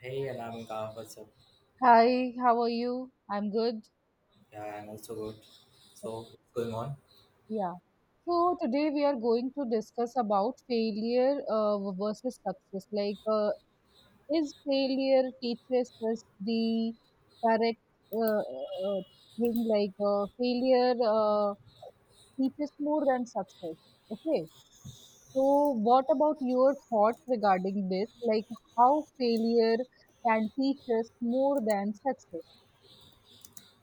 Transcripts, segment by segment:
Hey, Anamika, what's up? Hi, how are you? I'm good. Yeah, I'm also good. So, what's going on? Yeah. So today we are going to discuss about failure versus success. Is failure teaches us the correct uh, uh, thing? Failure teaches more than success. Okay. So, what about your thoughts regarding this? Like, how failure can teach us more than success?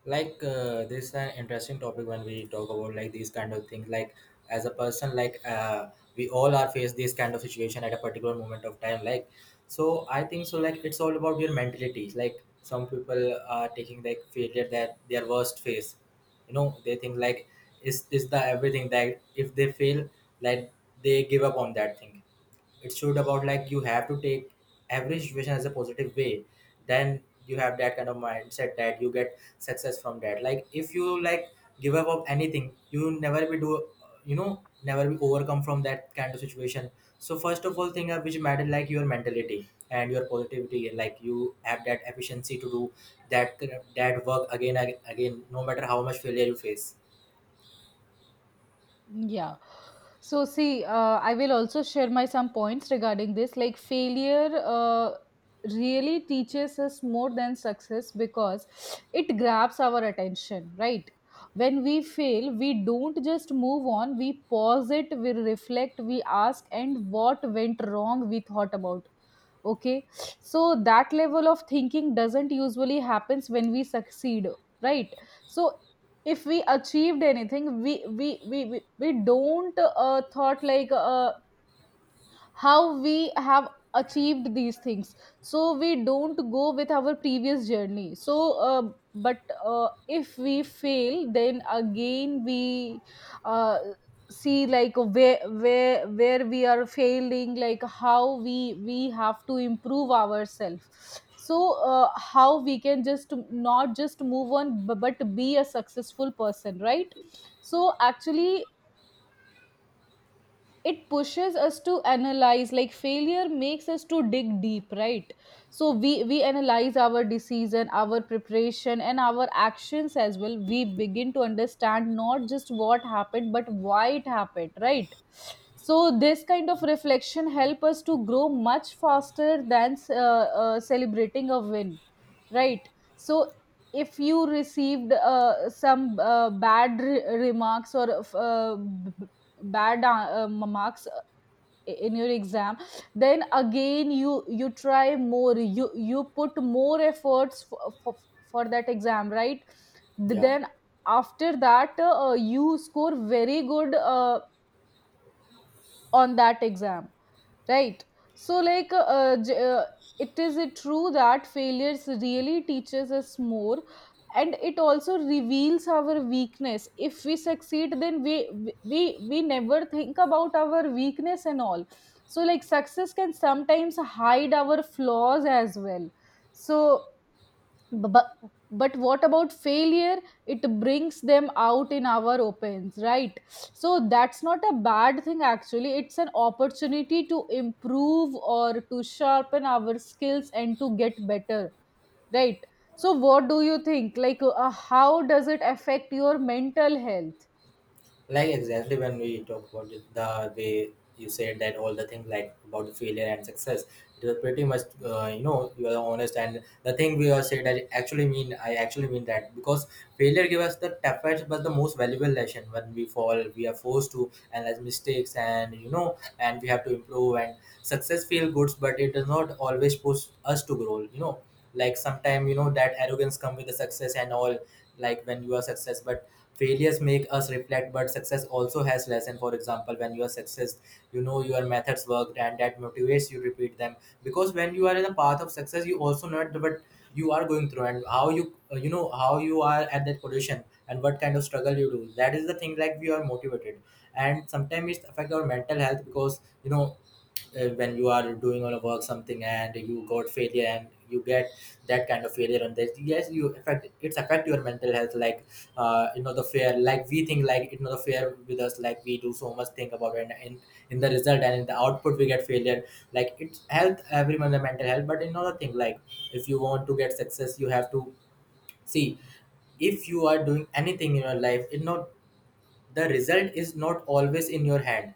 This is an interesting topic when we talk about like these kind of things. Like, as a person, like, we all are faced this kind of situation at a particular moment of time. Like, so I think so. Like, it's all about your mentalities. Like, some people are taking like failure that their worst phase. You know, they think like is the everything that if they fail, like they give up on that thing, it showed about like you have to take every situation as a positive way, then you have that kind of mindset that you get success from that, like if you like give up of anything you never be do, you know, never be overcome from that kind of situation. So first of all thing, which matter like your mentality and your positivity, like you have that efficiency to do that work again, no matter how much failure you face. Yeah. So, see, I will also share my some points regarding this. Like, failure really teaches us more than success because it grabs our attention, right? When we fail, we don't just move on, we pause it, we reflect, we ask, and what went wrong, we thought about okay, so that level of thinking doesn't usually happens when we succeed, right? So if we achieved anything, we don't thought like how we have achieved these things. So we don't go with our previous journey, so but if we fail, then again we uh, see like where we are failing, like how we have to improve ourselves. So how we can just not just move on but be a successful person, right? So actually it pushes us to analyze, like failure makes us to dig deep, right? So we analyze our decision, our preparation and our actions as well. We begin to understand not just what happened but why it happened, right? So this kind of reflection help us to grow much faster than celebrating a win, right? So if you received some bad remarks or uh, bad marks in your exam, then again you try more, you put more efforts for that exam, right? Yeah, Then after that you score very good on that exam, right? So like it is it true that failures really teaches us more. And it also reveals our weakness. If we succeed, then we we never think about our weakness and all. So like success can sometimes hide our flaws as well. So but, but what about failure? It brings them out in our opens, right? So that's not a bad thing, actually it's an opportunity to improve or to sharpen our skills and to get better, right? So what do you think, like how does it affect your mental health? like exactly when we talk about it, the way you said that all the things like about the failure and success, it was pretty much you know, you are honest and the thing we are said that actually mean, I actually mean that, because failure gives us the toughest but the most valuable lesson. When we fall we are forced to analyze mistakes, and you know, and we have to improve. And success feel good but it does not always push us to grow, you know, like sometimes you know that arrogance come with the success and all, like when you are success. But failures make us reflect, but success also has lesson. For example, when you are success, you know your methods worked and that motivates you to repeat them, because when you are in the path of success you also know what you are going through and how you, you know, how you are at that position and what kind of struggle you do. That is the thing, like we are motivated. And sometimes it affect our mental health, because you know, when you are doing on a work something and you got failure, and you get that kind of failure on this. Yes, you affect, it's affect your mental health, like, uh, you know, the fear, like we think like it know the fear with us, like we do so much think about it, and in the result and in the output we get failure. Like it's health everyone, the mental health. But another thing, like if you want to get success you have to see, if you are doing anything in your life, it not, the result is not always in your hand.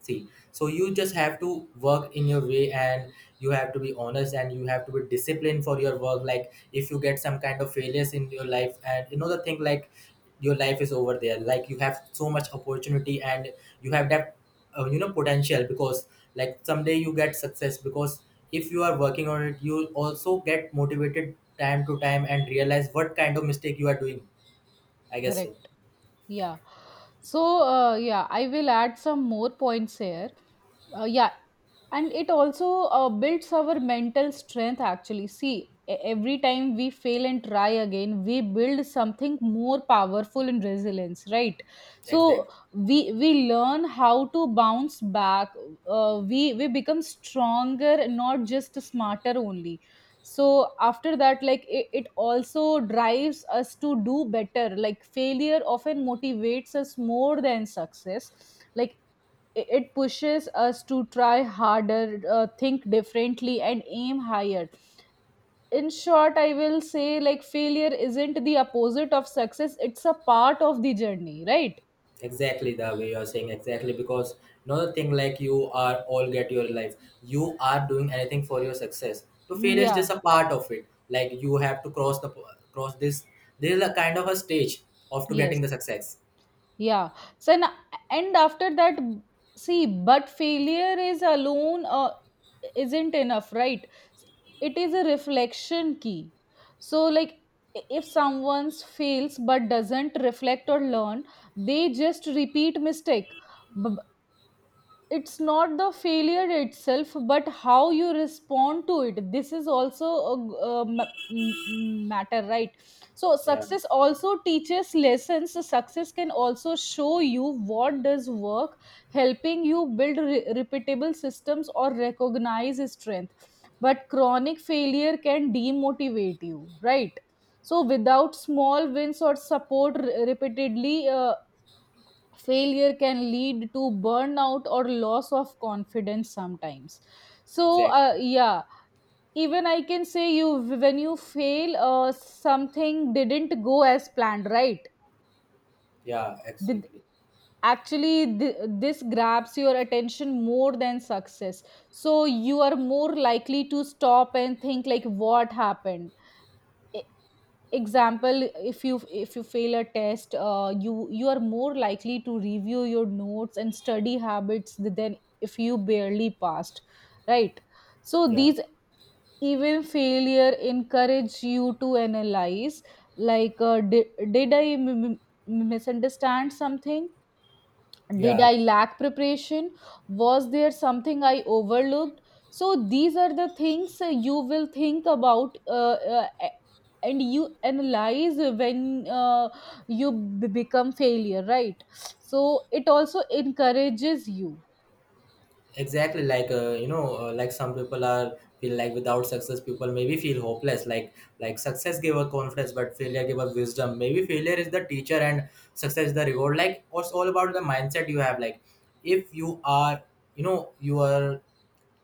See, so you just have to work in your way, and you have to be honest and you have to be disciplined for your work. Like if you get some kind of failures in your life, and you know the thing like your life is over there. Like you have so much opportunity, and you have that, you know, potential, because like someday you get success, because if you are working on it you also get motivated time to time and realize what kind of mistake you are doing. I guess so. Correct. Yeah. So, yeah, I will add some more points here. Yeah. And it also builds our mental strength, actually. See, every time we fail and try again, we build something more powerful and resilience, right? So, Exactly. We learn how to bounce back. We become stronger, not just smarter only. So after that, like it also drives us to do better. Like failure often motivates us more than success. Like it pushes us to try harder, think differently and aim higher. In short, I will say like failure isn't the opposite of success, it's a part of the journey, right? Exactly the way you're saying, exactly, because another thing, like you are all get your life, you are doing anything for your success, to fail is just Yeah. a part of it. Like you have to cross the, cross this, this is a kind of a stage of to Yes. getting the success. Yeah. So and, and after that, see, but failure is alone isn't enough, right? It is a reflection key. So like if someone fails but doesn't reflect or learn, they just repeat mistake. B- it's not the failure itself but how you respond to it. This is also a matter, right? So Yeah, success also teaches lessons. So success can also show you what does work, helping you build repeatable systems or recognize strength. But chronic failure can demotivate you, right? So without small wins or support repeatedly, failure can lead to burnout or loss of confidence sometimes. So exactly. yeah, even I can say you, when you fail, something didn't go as planned, right? Yeah, Did, exactly. actually this grabs your attention more than success. So you are more likely to stop and think, like what happened? Example, if you fail a test, you you are more likely to review your notes and study habits than if you barely passed, right? So Yeah. these, even failure encourage you to analyze, like did I misunderstand something? Did Yeah, I lack preparation? Was there something I overlooked? So these are the things you will think about and you analyze when you become failure, right? So it also encourages you. exactly like, you know, like some people are feel like without success people maybe feel hopeless, like success gave a confidence but failure gave a wisdom. Maybe failure is the teacher and success is the reward. Like it's all about the mindset you have, like if you are, you know, you are,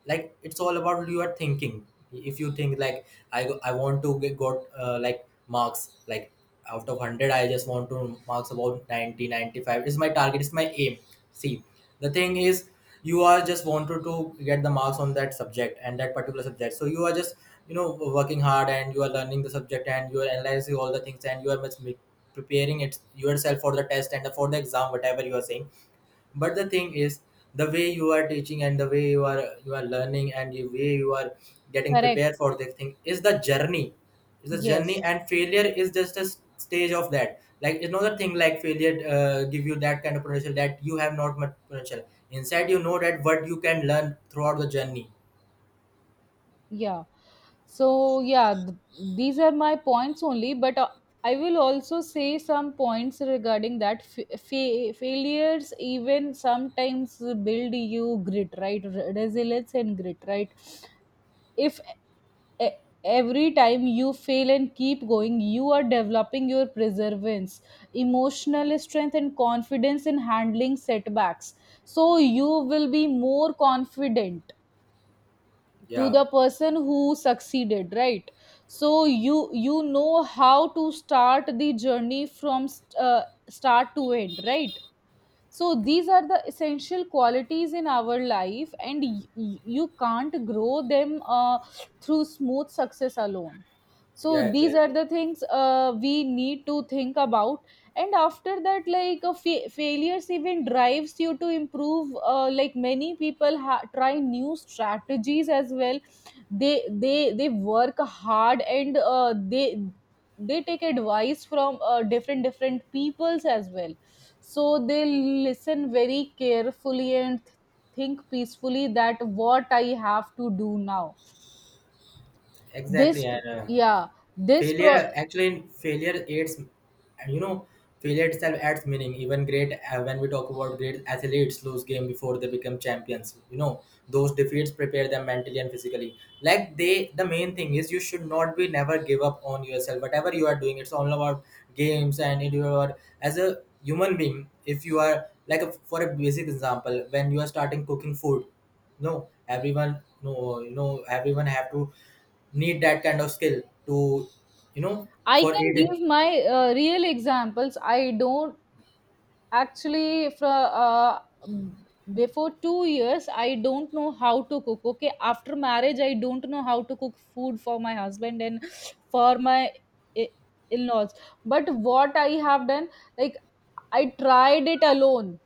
like it's all about your thinking. If you think like I want to get got like marks, like out of 100, I just want to marks about 90, 95 is my target, is my aim. See, the thing is, you are just wanted to get the marks on that subject and that particular subject, so you are just, you know, working hard and you are learning the subject, and you are analyzing all the things, and you are much preparing it yourself for the test and for the exam, whatever you are saying. But the thing is, the way you are teaching and the way you are learning and the way you are getting Correct. prepared for the thing is the journey, is the journey. Yes. And failure is just a stage of that. Like it's not a thing like failure give you that kind of potential, that you have not much potential inside, you know that what you can learn throughout the journey. Yeah. So yeah, these are my points only, but I will also say some points regarding that. Failures even sometimes build you grit, right? Resilience and grit, right? If e- every time you fail and keep going, you are developing your perseverance, emotional strength and confidence in handling setbacks. So you will be more confident to Yeah. the person who succeeded, right? So you know how to start the journey from start to end, right? So these are the essential qualities in our life and you can't grow them through smooth success alone. So Yeah, these are exactly. the things we need to think about. And after that, like a failures even drives you to improve, like many people try new strategies as well. They work hard and they take advice from different different peoples as well. So they listen very carefully and think peacefully that what I have to do now. Exactly. This. And Yeah. This pro. failure, actually failure aids, you know, failure itself adds meaning. Even great, when we talk about great athletes lose game before they become champions, you know, those defeats prepare them mentally and physically. Like they, the main thing is you should not be, never give up on yourself whatever you are doing. It's all about games, and it, you are as a human being, if you are like a, for a basic example, when you are starting cooking food, no everyone, no, you know, everyone have to need that kind of skill to, you know, I for can it. give my real examples. I don't actually fro before 2 years I don't know how to cook. Okay, after marriage I don't know how to cook food for my husband and for my i- in-laws. But what I have done, like I tried it alone.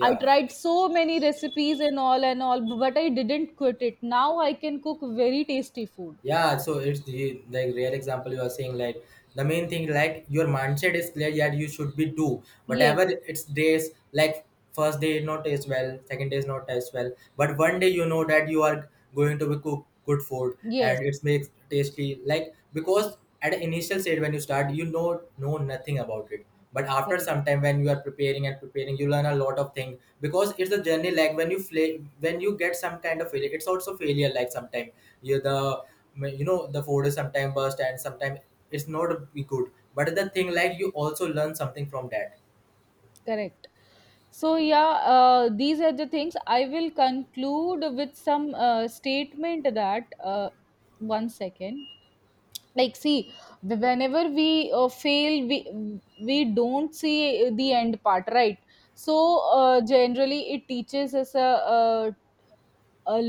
I tried so many recipes and all, but I didn't quit it. Now I can cook very tasty food. Yeah, so it's the like real example you are saying. Like the main thing, like your mindset is clear, that you should be do Yes, whatever, it's days like first day not as well, second day is not as well, but one day you know that you are going to be cook good food yes, and it makes tasty, like because at the initial stage when you start you know nothing about it. But after correct, some time when you are preparing and preparing you learn a lot of things, because it's a journey, like when you play, when you get some kind of failure it's also failure. Like sometime you the you know, the food is sometimes bust, and sometimes it's not be good, but the thing like you also learn something from that. correct. So yeah, these are the things. I will conclude with some statement that one second. Like, see, whenever we fail, we don't see the end part, right? So generally, it teaches us a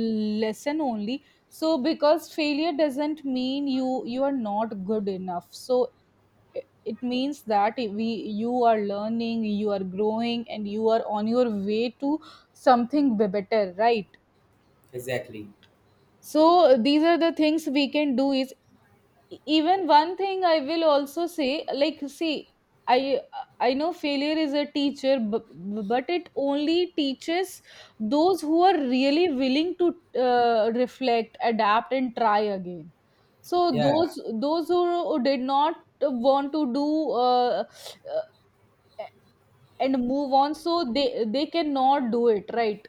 lesson only. So because failure doesn't mean you are not good enough. So it means that we, you are learning, you are growing and you are on your way to something better, right? Exactly. So these are the things we can do is. Even one thing I will also say, like see, i I know failure is a teacher, but it only teaches those who are really willing to reflect, adapt and try again. So Yeah. those who did not want to do uh, uh, and move on, so they cannot do it, right?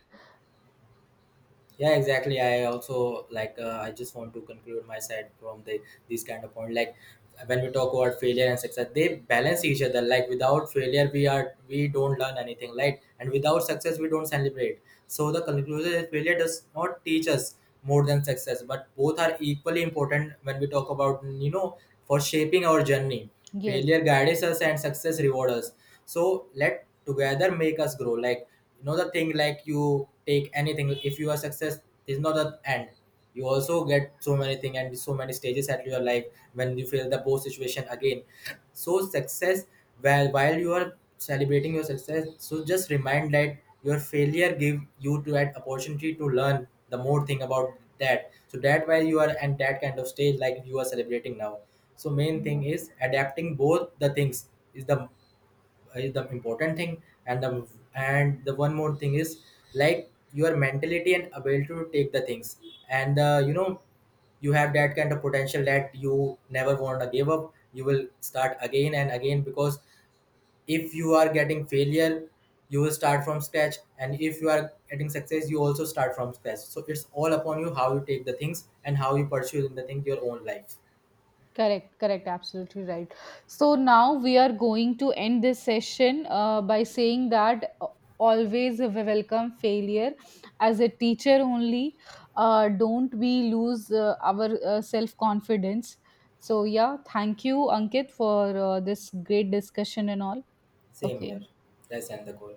Yeah, exactly. I also like, I just want to conclude my side from the, these kind of point, like when we talk about failure and success, they balance each other. Like without failure we don't learn anything, right? And without success we don't celebrate. So the conclusion is, failure does not teach us more than success, but both are equally important when we talk about, you know, for shaping our journey. Yes. Failure guides us and success rewards us. So let together make us grow. Like, you know the thing, like you take anything, if you are success is not the end. You also get so many things and so many stages at your life when you feel the both situation again. So success, while you are celebrating your success, so just remind that your failure give you to that opportunity to learn the more thing about that. So that while you are at that kind of stage, like you are celebrating now. So main thing is adapting both the things is the, is the important thing. And the, and the one more thing is, like your mentality and ability to take the things, and you know, you have that kind of potential that you never want to give up. You will start again and again. Because if you are getting failure you will start from scratch, and if you are getting success you also start from scratch. So it's all upon you, how you take the things and how you pursue in the thing your own life. Correct, correct, absolutely right. So now we are going to end this session by saying that always we welcome failure as a teacher only. Don't we lose our self confidence? So, yeah, thank you, Ankit, for this great discussion and all. Same Okay. here. Let's end the call.